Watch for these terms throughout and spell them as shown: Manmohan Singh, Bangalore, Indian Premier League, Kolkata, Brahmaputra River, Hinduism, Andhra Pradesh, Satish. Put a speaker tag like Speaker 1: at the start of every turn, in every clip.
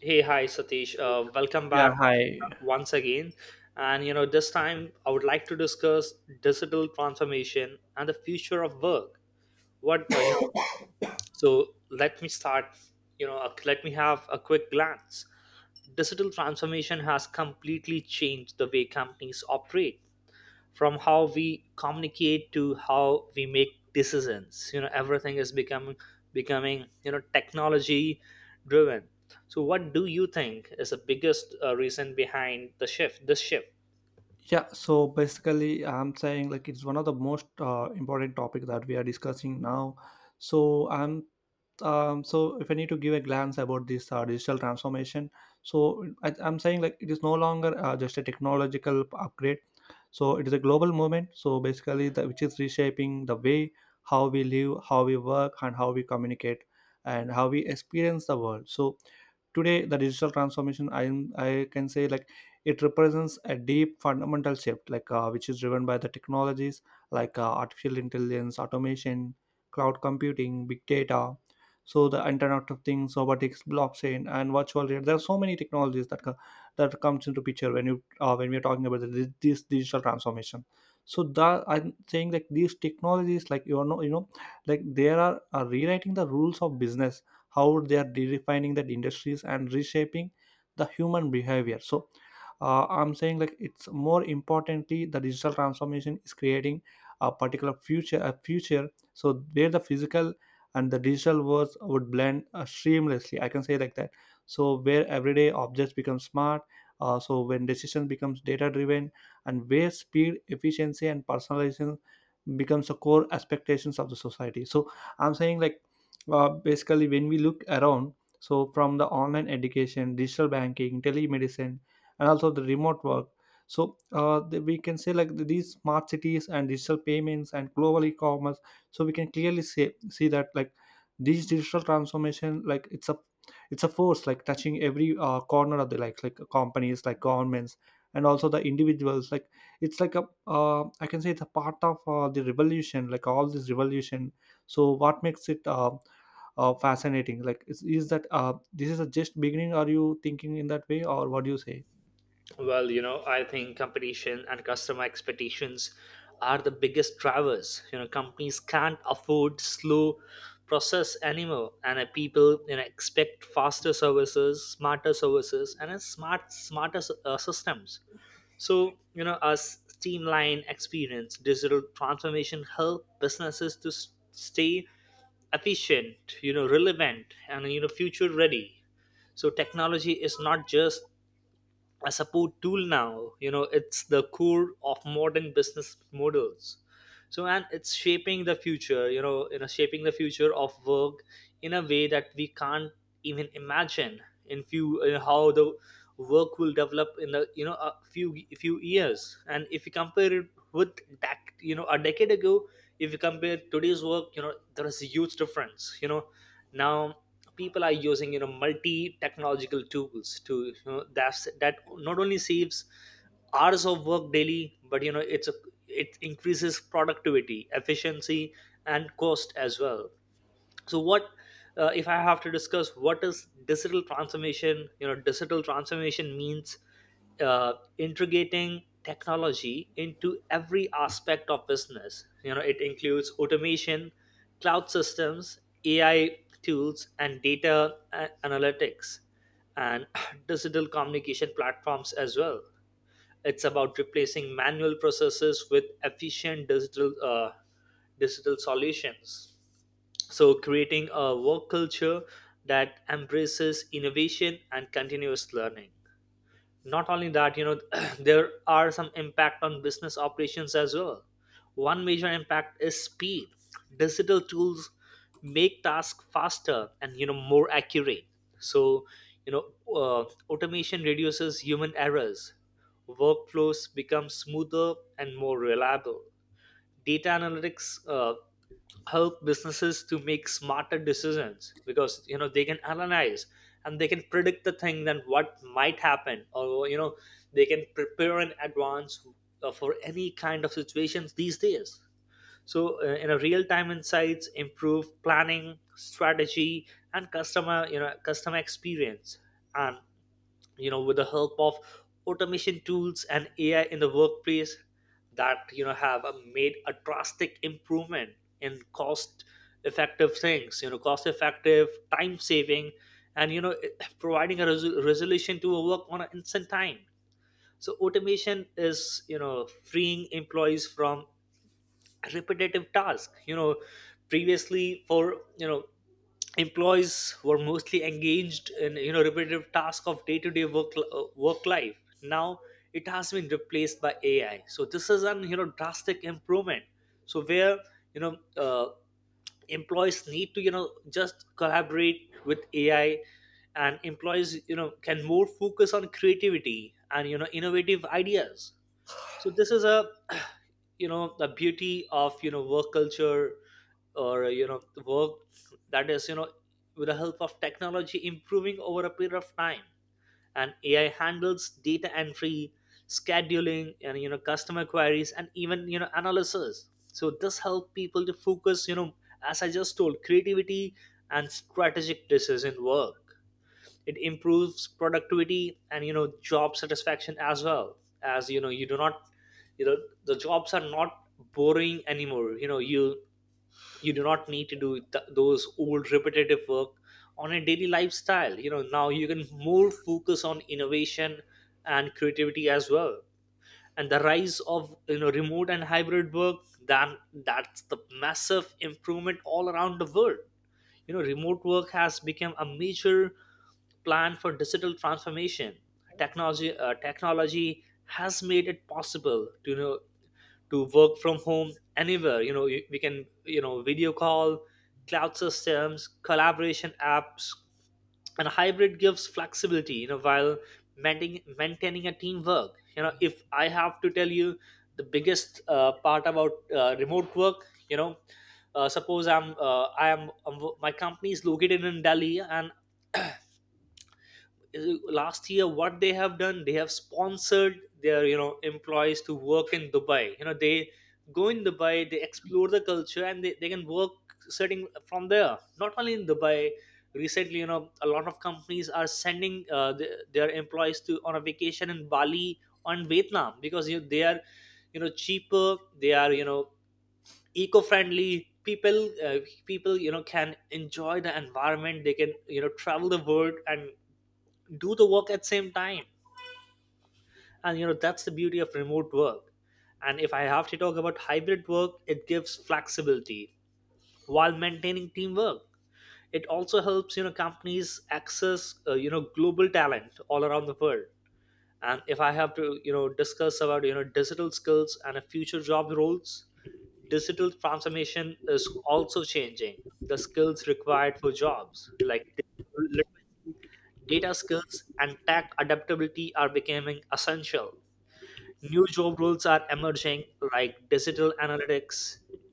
Speaker 1: Hey, hi, Satish. Welcome
Speaker 2: Yeah,
Speaker 1: back
Speaker 2: hi.
Speaker 1: once again. And you know, this time I would like to discuss digital transformation and the future of work. What So let me start. Let me have a quick glance. Digital transformation has completely changed the way companies operate, from how we communicate to how we make decisions. You know, everything is becoming you know technology driven. So what do you think is the biggest reason behind the shift, this shift
Speaker 2: Yeah, so basically, I'm saying like it's one of the most important topic that we are discussing now. So I'm, so if I need to give a glance about this digital transformation, so I'm saying like it is no longer just a technological upgrade. So it is a global movement, so basically which is reshaping the way how we live, how we work, and how we communicate, and how we experience the world. So today, the digital transformation, I can say like it represents a deep fundamental shift, like which is driven by the technologies like artificial intelligence, automation, cloud computing, big data, so the internet of things, robotics, blockchain, and virtual reality. There are so many technologies that comes into picture when you when we are talking about this digital transformation. So that, I'm saying like these technologies, like they are rewriting the rules of business, how they are redefining that industries and reshaping the human behavior. So I'm saying like, it's more importantly, the digital transformation is creating a particular future, a future so where the physical and the digital worlds would blend seamlessly, I can say like that. So where everyday objects become smart, so when decision becomes data driven, and where speed, efficiency, and personalization becomes the core expectations of the society. So I'm saying like, basically when we look around, so from the online education, digital banking, telemedicine, and also the remote work. So we can say like these smart cities and digital payments and global e-commerce. So we can clearly say see that like these digital transformation, like it's a force like touching every corner of the, like companies, like governments, and also the individuals. Like it's like a, I can say it's a part of the revolution, like all this revolution. So what makes it fascinating like is that this is a just beginning. Are you thinking in that way, or what do you say?
Speaker 1: well, you know, I think competition and customer expectations are the biggest drivers. You know, companies can't afford slow process anymore, and people you know expect faster services, smarter services, and a smarter systems. So, you know, a streamlined experience. Digital transformation help businesses to stay efficient, you know, relevant, and you know, future ready. So, technology is not just a support tool now. You know, it's the core of modern business models. So and it's shaping the future, you know, shaping the future of work in a way that we can't even imagine in few how the work will develop in the you know a few years. And if you compare it with that, you know, a decade ago, if you compare today's work, you know there is a huge difference. You know, now people are using you know multi technological tools to you know that's that not only saves hours of work daily, but you know it increases productivity, efficiency, and cost as well. So what if I have to discuss what is digital transformation, you know, digital transformation means integrating technology into every aspect of business. You know, it includes automation, cloud systems, AI tools and data analytics, and digital communication platforms as well. It's about replacing manual processes with efficient digital solutions, so creating a work culture that embraces innovation and continuous learning. Not only that, you know, there are some impact on business operations as well. One major impact is speed. Digital tools make tasks faster and you know more accurate. So, you know, uh, automation reduces human errors. Workflows become smoother and more reliable. Data analytics help businesses to make smarter decisions, because you know they can analyze and they can predict the thing then what might happen, or you know they can prepare in advance for any kind of situations these days. So in a real time, insights improve planning, strategy, and customer experience. And you know, with the help of automation tools and AI in the workplace, that you know have made a drastic improvement in cost effective things, you know, cost effective, time saving, and you know providing a resolution to a work on an instant time. So automation is you know freeing employees from repetitive task. You know, previously for you know employees were mostly engaged in you know repetitive task of day-to-day work life. Now it has been replaced by AI, so this is an you know drastic improvement. So where you know uh, employees need to you know just collaborate with AI, and employees you know can more focus on creativity and you know innovative ideas. So this is a you know the beauty of you know work culture, or you know the work that is you know with the help of technology, improving over a period of time. And AI handles data entry, scheduling, and you know customer queries, and even you know analysis. So this helps people to focus, you know, as I just told, creativity and strategic decision work. It improves productivity and you know job satisfaction as well. As you know, you do not you know, the jobs are not boring anymore. You know, you do not need to do those old repetitive work on a daily lifestyle. You know, now you can more focus on innovation and creativity as well. And the rise of you know remote and hybrid work, then that's the massive improvement all around the world. You know, remote work has become a major plan for digital transformation. Technology has made it possible to you know to work from home anywhere. You know, we can you know video call, cloud systems, collaboration apps, and hybrid gives flexibility, you know, while maintaining a teamwork. You know, if I have to tell you the biggest part about remote work, you know, suppose I am my company is located in Delhi, and last year what they have done, they have sponsored their you know employees to work in Dubai. You know, they go in Dubai, they explore the culture, and they can work setting from there. Not only in Dubai, recently you know a lot of companies are sending their employees to on a vacation in Bali, on Vietnam, because you know, they are you know cheaper, they are you know eco-friendly people, uh, people you know can enjoy the environment, they can you know travel the world and do the work at same time. And you know that's the beauty of remote work. And if I have to talk about hybrid work, it gives flexibility while maintaining teamwork. It also helps you know companies access you know global talent all around the world. And if I have to you know discuss about you know digital skills and a future job roles, digital transformation is also changing the skills required for jobs, like digital literacy, data skills and tech adaptability are becoming essential. New job roles are emerging like digital analytics,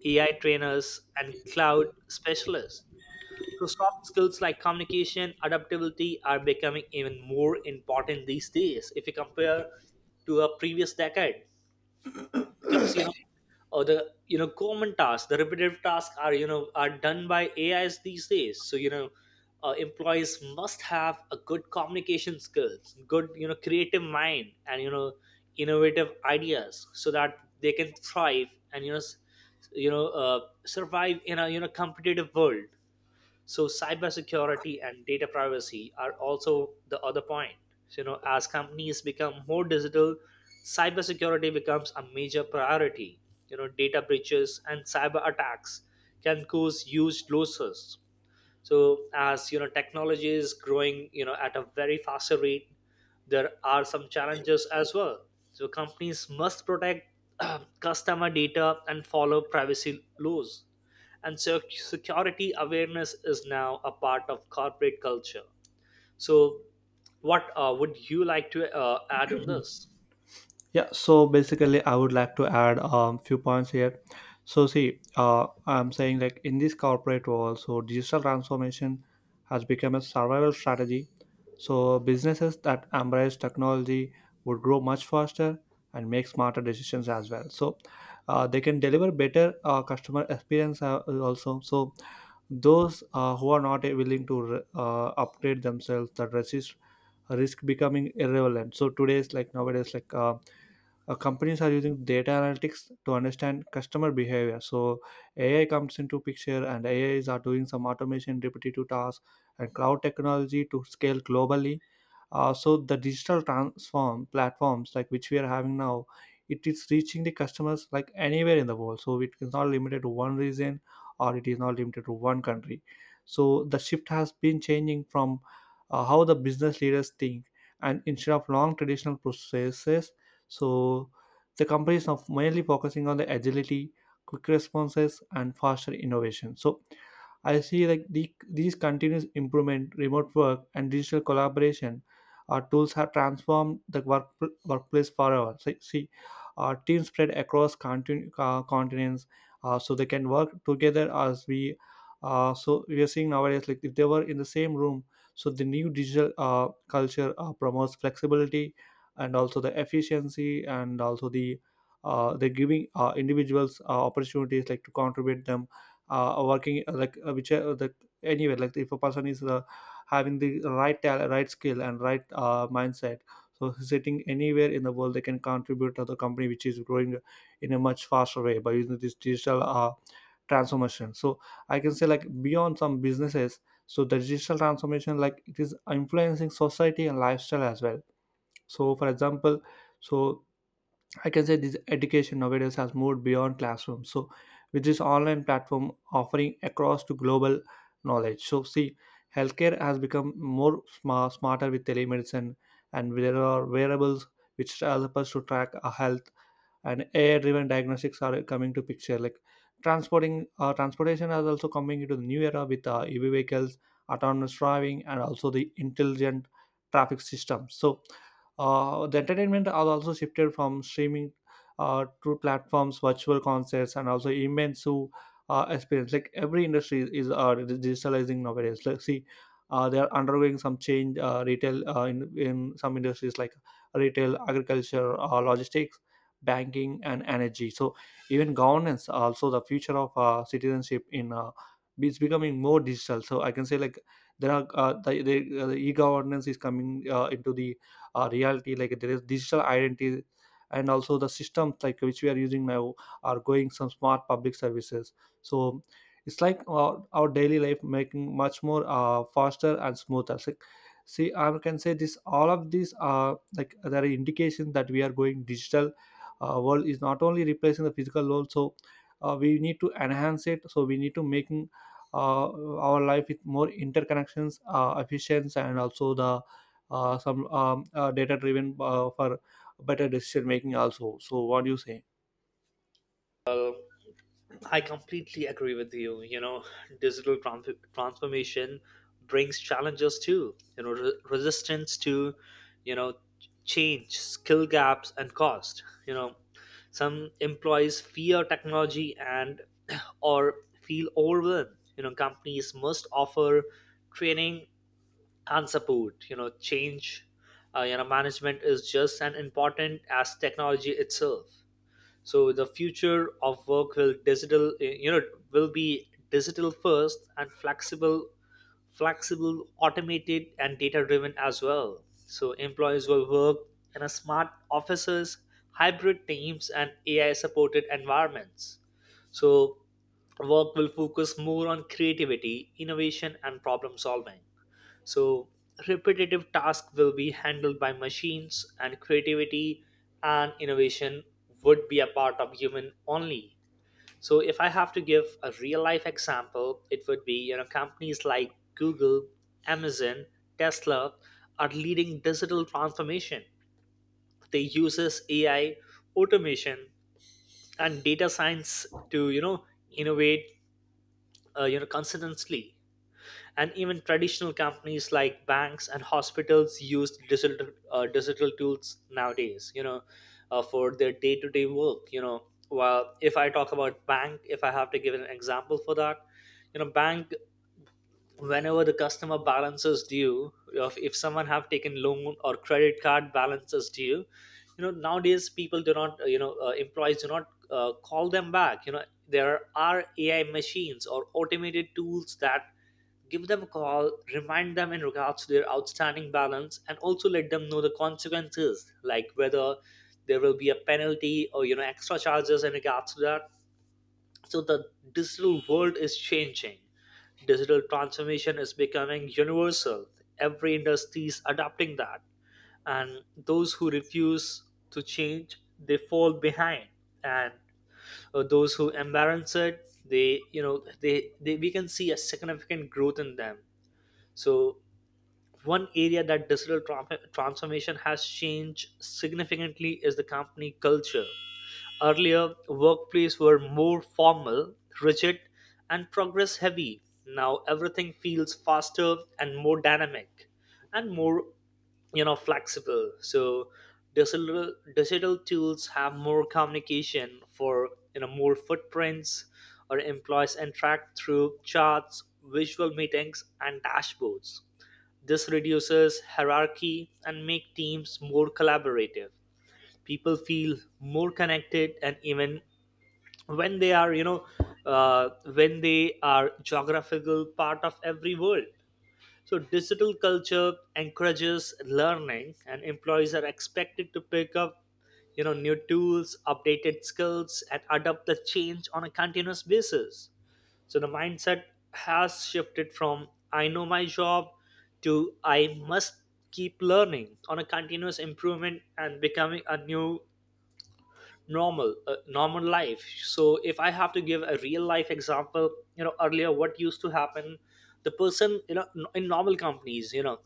Speaker 1: AI trainers and cloud specialists. So soft skills like communication, adaptability are becoming even more important these days. If you compare to a previous decade, because you know, or the you know common tasks, the repetitive tasks are you know are done by AIs these days. So you know, employees must have a good communication skills, good you know creative mind, and you know innovative ideas, so that they can thrive and you know you know uh, survive in a you know competitive world. So cybersecurity and data privacy are also the other point. So, you know, as companies become more digital, cybersecurity becomes a major priority. You know, data breaches and cyber attacks can cause huge losses. So as you know technology is growing you know at a very faster rate, there are some challenges as well. So companies must protect customer data and follow privacy laws. And so security awareness is now a part of corporate culture. So what would you like to add in this?
Speaker 2: Yeah, so basically, I would like to add a few points here. So, see, I'm saying like in this corporate world, so digital transformation has become a survival strategy. So, businesses that embrace technology would grow much faster and make smarter decisions as well. So, they can deliver better customer experience also. So, those who are not willing to upgrade themselves that resist risk becoming irrelevant. So, today's like nowadays, like companies are using data analytics to understand customer behavior. So AI comes into picture, and AIs are doing some automation repetitive tasks and cloud technology to scale globally. So the digital transform platforms like which we are having now, it is reaching the customers like anywhere in the world, so it is not limited to one region or it is not limited to one country. So the shift has been changing from how the business leaders think, and instead of long traditional processes, so the company is now mainly focusing on the agility, quick responses, and faster innovation. So I see like these continuous improvement, remote work, and digital collaboration tools have transformed workplace forever. So, see, teams spread across continents, so they can work together as we. So we are seeing nowadays, like if they were in the same room. So the new digital culture promotes flexibility and also the efficiency and also the, they're giving individuals opportunities like to contribute them, working like which the anywhere. Like if a person is having the right talent, right skill, and right mindset, so sitting anywhere in the world, they can contribute to the company, which is growing in a much faster way by using this digital transformation. So I can say like, beyond some businesses, so the digital transformation, like it is influencing society and lifestyle as well. So for example, so I can say this education nowadays has moved beyond classrooms. So with this online platform offering across to global knowledge. So, see, healthcare has become smarter with telemedicine, and there are wearables which help us to track our health, and AI driven diagnostics are coming to picture. Like transporting transportation is also coming into the new era with EV vehicles, autonomous driving, and also the intelligent traffic system. So the entertainment are also shifted from streaming to platforms, virtual concerts, and also immersive experience. Like every industry is digitalizing nowadays, let see, they are undergoing some change. In some industries like retail, agriculture, logistics, banking, and energy. So even governance also, the future of citizenship in it's becoming more digital. So I can say like there are, the e-governance is coming into the reality. Like there is digital identity and also the systems like which we are using now are going some smart public services. So it's like our daily life making much more faster and smoother. So, see, I can say this, all of these are like there are indications that we are going digital world is not only replacing the physical world. So we need to enhance it, so we need to making uh, our life with more interconnections, efficient, and also the some data driven for better decision making also. So what do you say?
Speaker 1: I completely agree with you. You know, transformation brings challenges too. You know, resistance to, you know, change, skill gaps, and cost. You know, some employees fear technology and or feel overwhelmed. You know, companies must offer training and support. You know, change, you know, management is just as important as technology itself. So the future of work you know will be digital first and flexible, automated and data driven as well. So employees will work in a smart offices, hybrid teams and AI supported environments. So work will focus more on creativity, innovation and problem solving. So, repetitive tasks will be handled by machines, and creativity and innovation would be a part of human only. So, if I have to give a real life example, it would be you know companies like Google, Amazon, Tesla are leading digital transformation. They uses AI, automation, and data science to you know innovate you know consistently. And even traditional companies like banks and hospitals use digital tools nowadays, you know, for their day-to-day work. You know, while if I talk about bank, if I have to give an example for that, you know bank, whenever the customer balances due, if someone have taken loan or credit card balances due, you know nowadays people do not employees do not call them back. You know, there are AI machines or automated tools that give them a call, remind them in regards to their outstanding balance, and also let them know the consequences, like whether there will be a penalty or you know extra charges in regards to that. So the digital world is changing. Digital transformation is becoming universal. Every industry is adopting that, and those who refuse to change, they fall behind. And those who embrace it, they you know they we can see a significant growth in them. So one area that transformation has changed significantly is the company culture. Earlier, workplaces were more formal, rigid, and progress heavy. Now, everything feels faster and more dynamic and more flexible. So digital tools have more communication for more footprints or employees interact through charts, visual meetings, and dashboards. This reduces hierarchy and make teams more collaborative. People feel more connected and even when they are when they are geographical part of every world. So, digital culture encourages learning, and employees are expected to pick up, you know, new tools, updated skills, and adapt the change on a continuous basis. So, the mindset has shifted from "I know my job" to "I must keep learning" on a continuous improvement and becoming a new normal, a normal life. So, if I have to give a real life example, you know, earlier what used to happen, the person, you know, in normal companies, you know,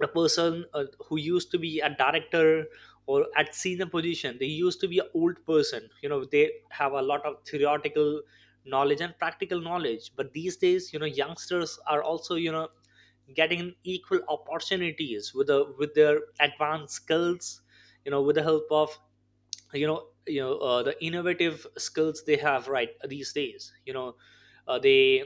Speaker 1: a person who used to be a director or at senior position, they used to be an old person, you know, they have a lot of theoretical knowledge and practical knowledge. But these days, you know, youngsters are also, you know, getting equal opportunities with their advanced skills, you know, with the help of the innovative skills they have, right? These days, you know, uh, they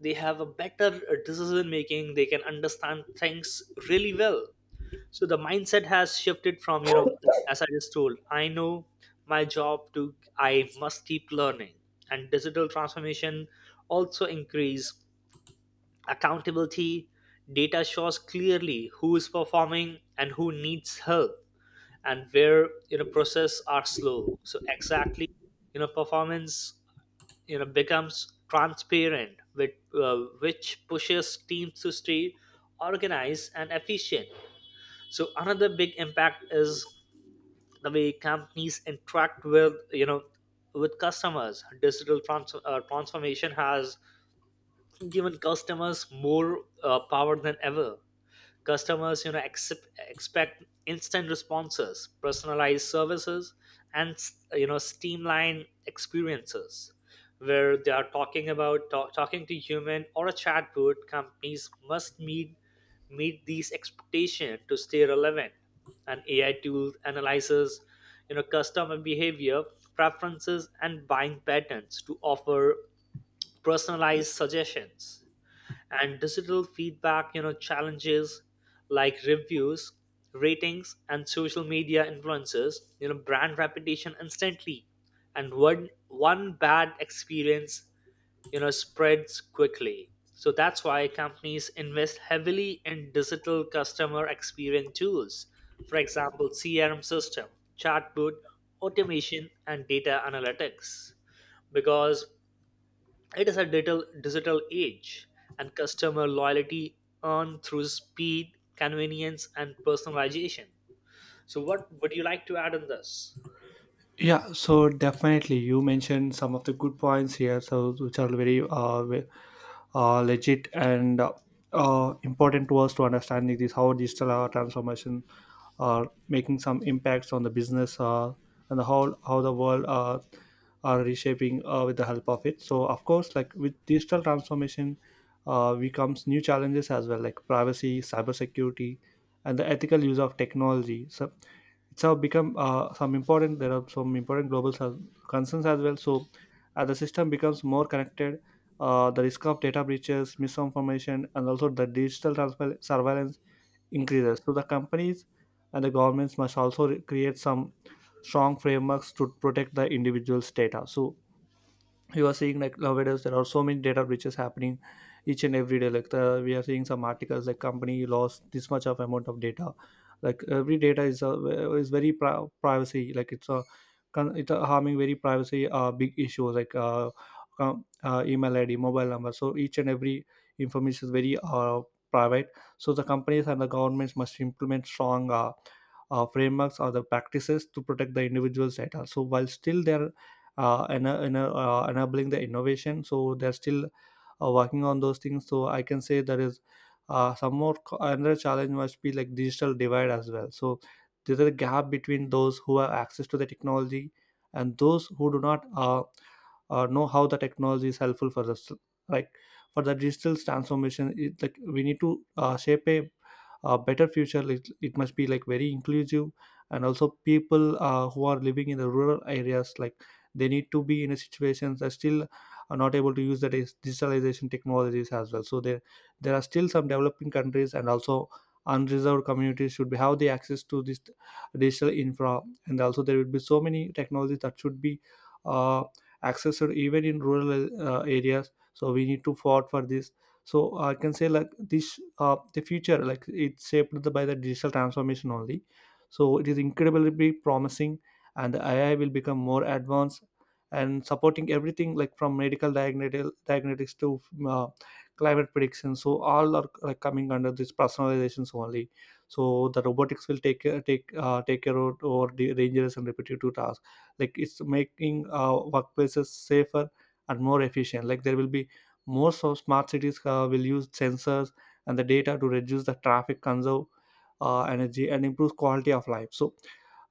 Speaker 1: they have a better decision making. They can understand things really well. So the mindset has shifted from, you know, as I just told, "I know my job" to "I must keep learning." And digital transformation also increase accountability. Data shows clearly who is performing and who needs help and where, you know, process are slow. So exactly, you know, performance, you know, becomes transparent with uh, which pushes teams to stay organized and efficient. So another big impact is the way companies interact with, you know, with customers. Digital transformation has given customers more power than ever. Customers, you know, expect instant responses, personalized services, and, you know, streamlined experiences. Where they are talking about talking to human or a chatbot, companies must meet these expectations to stay relevant. An AI tool analyzes, you know, customer behavior, preferences, and buying patterns to offer personalized suggestions. And digital feedback, you know, challenges like reviews, ratings, and social media influences, you know, brand reputation instantly. And one bad experience, you know, spreads quickly. So that's why companies invest heavily in digital customer experience tools, for example, CRM system, chatbot, automation, and data analytics, because it is a digital age, and customer loyalty earned through speed, convenience, and personalization. So, what would you like to add on this?
Speaker 2: Yeah, so definitely you mentioned some of the good points here, so which are very legit and important to us to understanding this how digital transformation are making some impacts on the business, and how the world are reshaping with the help of it. So of course, like with digital transformation, we comes new challenges as well, like privacy, cybersecurity, and the ethical use of technology. So it's have become some important there are some important global concerns as well. So as the system becomes more connected, the risk of data breaches, misinformation, and also the surveillance increases. So the companies and the governments must also create some strong frameworks to protect the individual's data. So you are seeing like nowadays there are so many data breaches happening each and every day. Like we are seeing some articles like company lost this much of amount of data. Like every data is very privacy. Like it's a it's a harming very privacy big issues, like email id, mobile number. So each and every information is very private. So the companies and the governments must implement strong frameworks or the practices to protect the individual's data. So while still there enabling the innovation, so they're still working on those things. So I can say there is another challenge must be like digital divide as well. So there's a gap between those who have access to the technology and those who do not know how the technology is helpful for us. Like for the digital transformation, like we need to shape a, better future, it must be like very inclusive, and also people who are living in the rural areas like they need to be in a situations that still are not able to use the digitalization technologies as well. So there are still some developing countries and also unreserved communities should be have the access to this digital infra, and also there will be so many technologies that should be uh, accessed even in rural areas. So we need to fought for this. So I can say like this, the future like it's by the digital transformation only. So it is incredibly promising, and the AI will become more advanced and supporting everything, like from medical diagnostics to uh, climate prediction. So all are like coming under this personalizations only. So the robotics will take care of over the dangerous and repetitive tasks. Like it's making workplaces safer and more efficient. Like there will be most of smart cities will use sensors and the data to reduce the traffic, conserve energy, and improve quality of life. So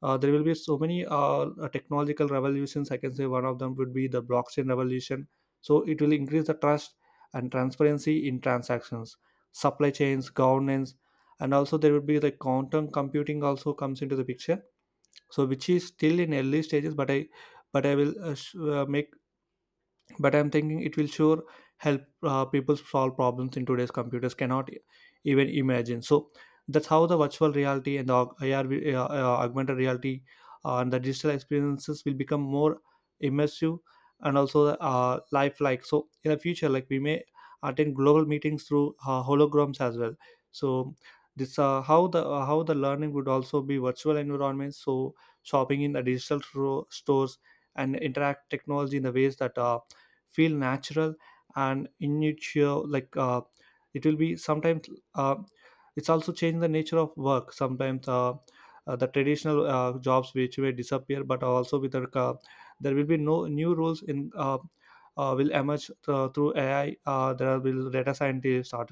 Speaker 2: there will be so many technological revolutions. I can say one of them would be the blockchain revolution. So it will increase the trust and transparency in transactions, supply chains, governance. And also there would be the quantum computing also comes into the picture, so which is still in Early stages, but I will sh- make but I'm thinking it will sure help people solve problems in today's computers cannot even imagine. So that's how the virtual reality and the AR, augmented reality and the digital experiences will become more immersive and also lifelike. So in the future, like, we may attend global meetings through holograms as well. So this how the learning would also be virtual environments. So shopping in the digital stores and interact technology in the ways that feel natural and intuitive. Like, it will be sometimes uh, it's also changing the nature of work. Sometimes the traditional jobs which may disappear, but also with the there will be no new roles in will emerge through AI. There will data scientists, art,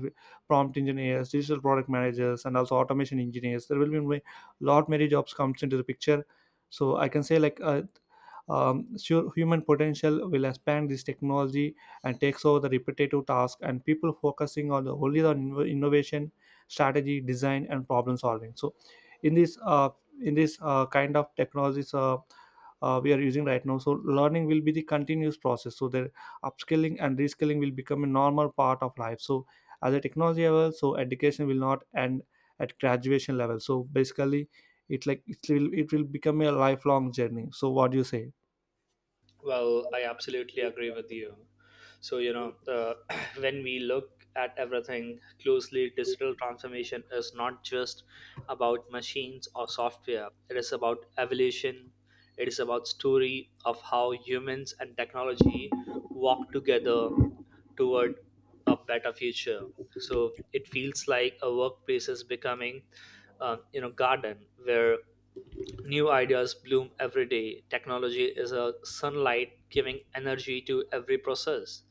Speaker 2: prompt engineers, digital product managers, and also automation engineers. There will be a lot many jobs comes into the picture. So I can say, like, sure, human potential will expand this technology and takes over the repetitive task, and people focusing on the, only on innovation, strategy, design, and problem solving. So in this uh, in this kind of technologies we are using right now. So learning will be the continuous process. So the upskilling and reskilling will become a normal part of life. So at the technology level, so education will not end at graduation level. So basically it, like, it will become a lifelong journey. So what do you say?
Speaker 1: Well, I absolutely agree with you. So, you know, when we look at everything closely, digital transformation is not just about machines or software. It is about evolution. It is about story of how humans and technology walk together toward a better future. So, it feels like a workplace is becoming garden where new ideas bloom every day. Technology is a sunlight giving energy to every process,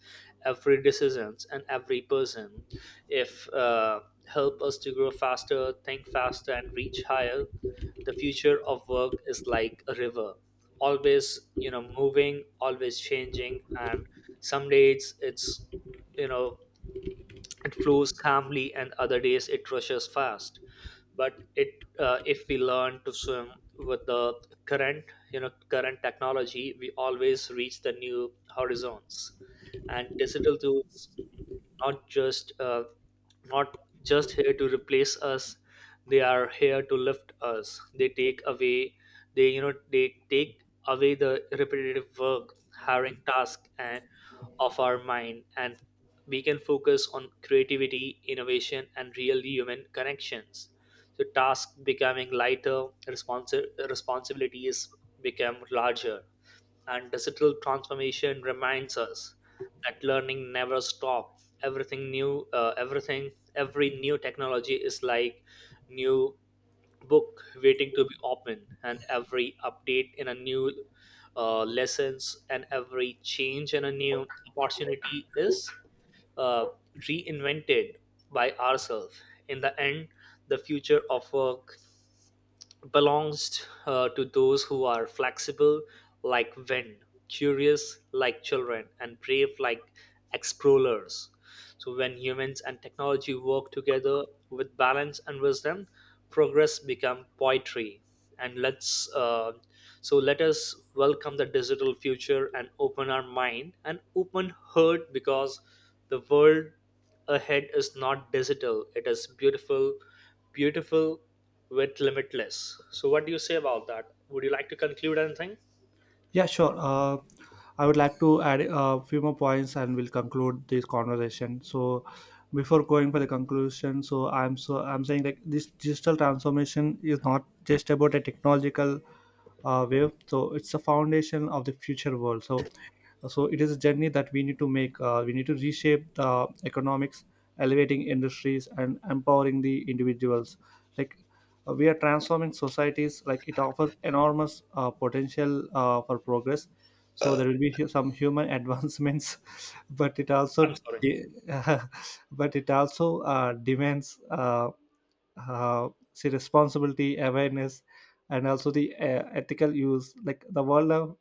Speaker 1: every decisions, and every person. If help us to grow faster, think faster, and reach higher. The future of work is like a river, always, you know, moving, always changing, and some days it's, you know, it flows calmly, and other days it rushes fast. But if we learn to swim with the current, you know, current technology, we always reach the new horizons. And digital tools, not just uh, not just here to replace us, they are here to lift us. They take away, they you know they take away the repetitive work, hiring task, and of our mind, and we can focus on creativity, innovation, and real human connections. So tasks becoming lighter, responsibilities become larger, and digital transformation reminds us that learning never stops. Everything new, every new technology is like new book waiting to be opened, and every update in a new lessons, and every change in a new opportunity is uh, reinvented by ourselves. In the end, the future of work belongs to those who are flexible like wind, curious like children, and brave like explorers. So, when humans and technology work together with balance and wisdom, progress become poetry. And let's so let us welcome the digital future and open our mind and open heart, because the world ahead is not digital. It is beautiful, beautiful with limitless. So what do you say about that? Would you like to conclude anything?
Speaker 2: Yeah, sure. I would like to add a few more points and we'll conclude this conversation. So before going for the conclusion, so I'm saying, like, this digital transformation is not just about a technological wave. So it's the foundation of the future world. So so it is a journey that we need to make. We need to reshape the economics, elevating industries and empowering the individuals, like, we are transforming societies. Like, it offers enormous potential for progress. So there will be some human advancements, but it
Speaker 1: I'm
Speaker 2: also
Speaker 1: sorry.
Speaker 2: but it also demands say responsibility, awareness, and also the ethical use. Like the world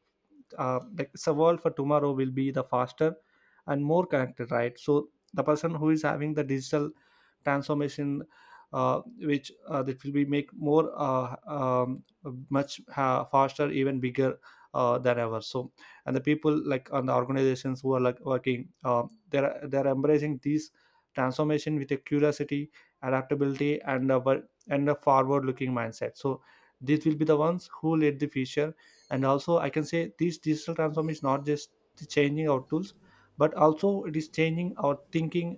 Speaker 2: like the world for tomorrow will be the faster and more connected, right? So the person who is having the digital transformation, uh, which that will be make more much faster, even bigger than ever. So and the people, like, on the organizations who are like working, they're embracing these transformation with a curiosity, adaptability, and a forward looking mindset. So these will be the ones who lead the future. And also I can say this digital transform is not just changing our tools, but also it is changing our thinking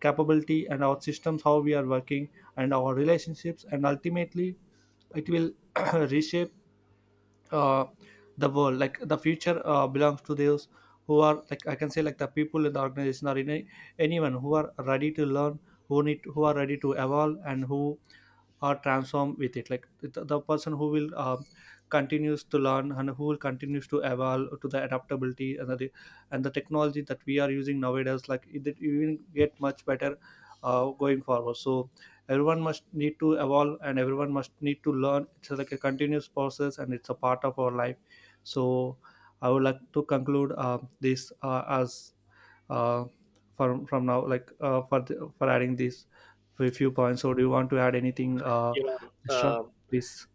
Speaker 2: capability and our systems how we are working and our relationships, and ultimately it will reshape uh, the world. Like the future belongs to those who are like, I can say, like the people in the organization or in a, anyone who are ready to learn, who need who are ready to evolve and who or transform with it. Like the person who will continues to learn and who will continues to evolve to the adaptability and the technology that we are using nowadays, like it will get much better going forward. So everyone must need to evolve and everyone must need to learn. It's like a continuous process and it's a part of our life. So I would like to conclude this as uh, from now, like, for the, for adding this for a few points. So do you want to add anything
Speaker 1: You know,
Speaker 2: extra, please?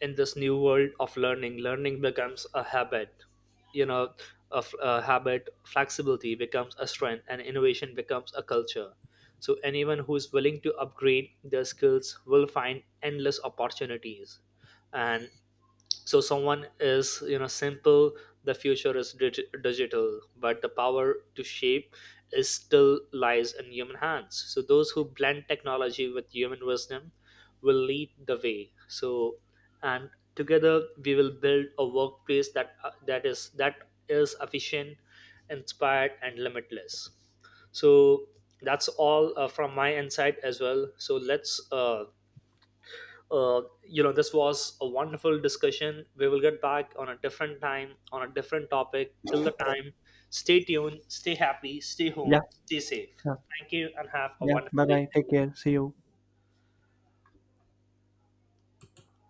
Speaker 1: in this new world of learning, becomes a habit, you know, of a habit. Flexibility becomes a strength and innovation becomes a culture. So anyone who is willing to upgrade their skills will find endless opportunities. And so someone is, you know, simple, the future is digital, but the power to shape is still lies in human hands. So those who blend technology with human wisdom will lead the way. So and together we will build a workplace that is efficient, inspired, and limitless. So that's all, from my insight as well. So let's you know this was a wonderful discussion. We will get back on a different time on a different topic. Till the time, stay tuned, stay happy, stay
Speaker 2: Yeah,
Speaker 1: home, stay safe.
Speaker 2: sure.
Speaker 1: Thank you and have a
Speaker 2: Yeah.
Speaker 1: wonderful
Speaker 2: Bye bye.
Speaker 1: day.
Speaker 2: Take care. See you.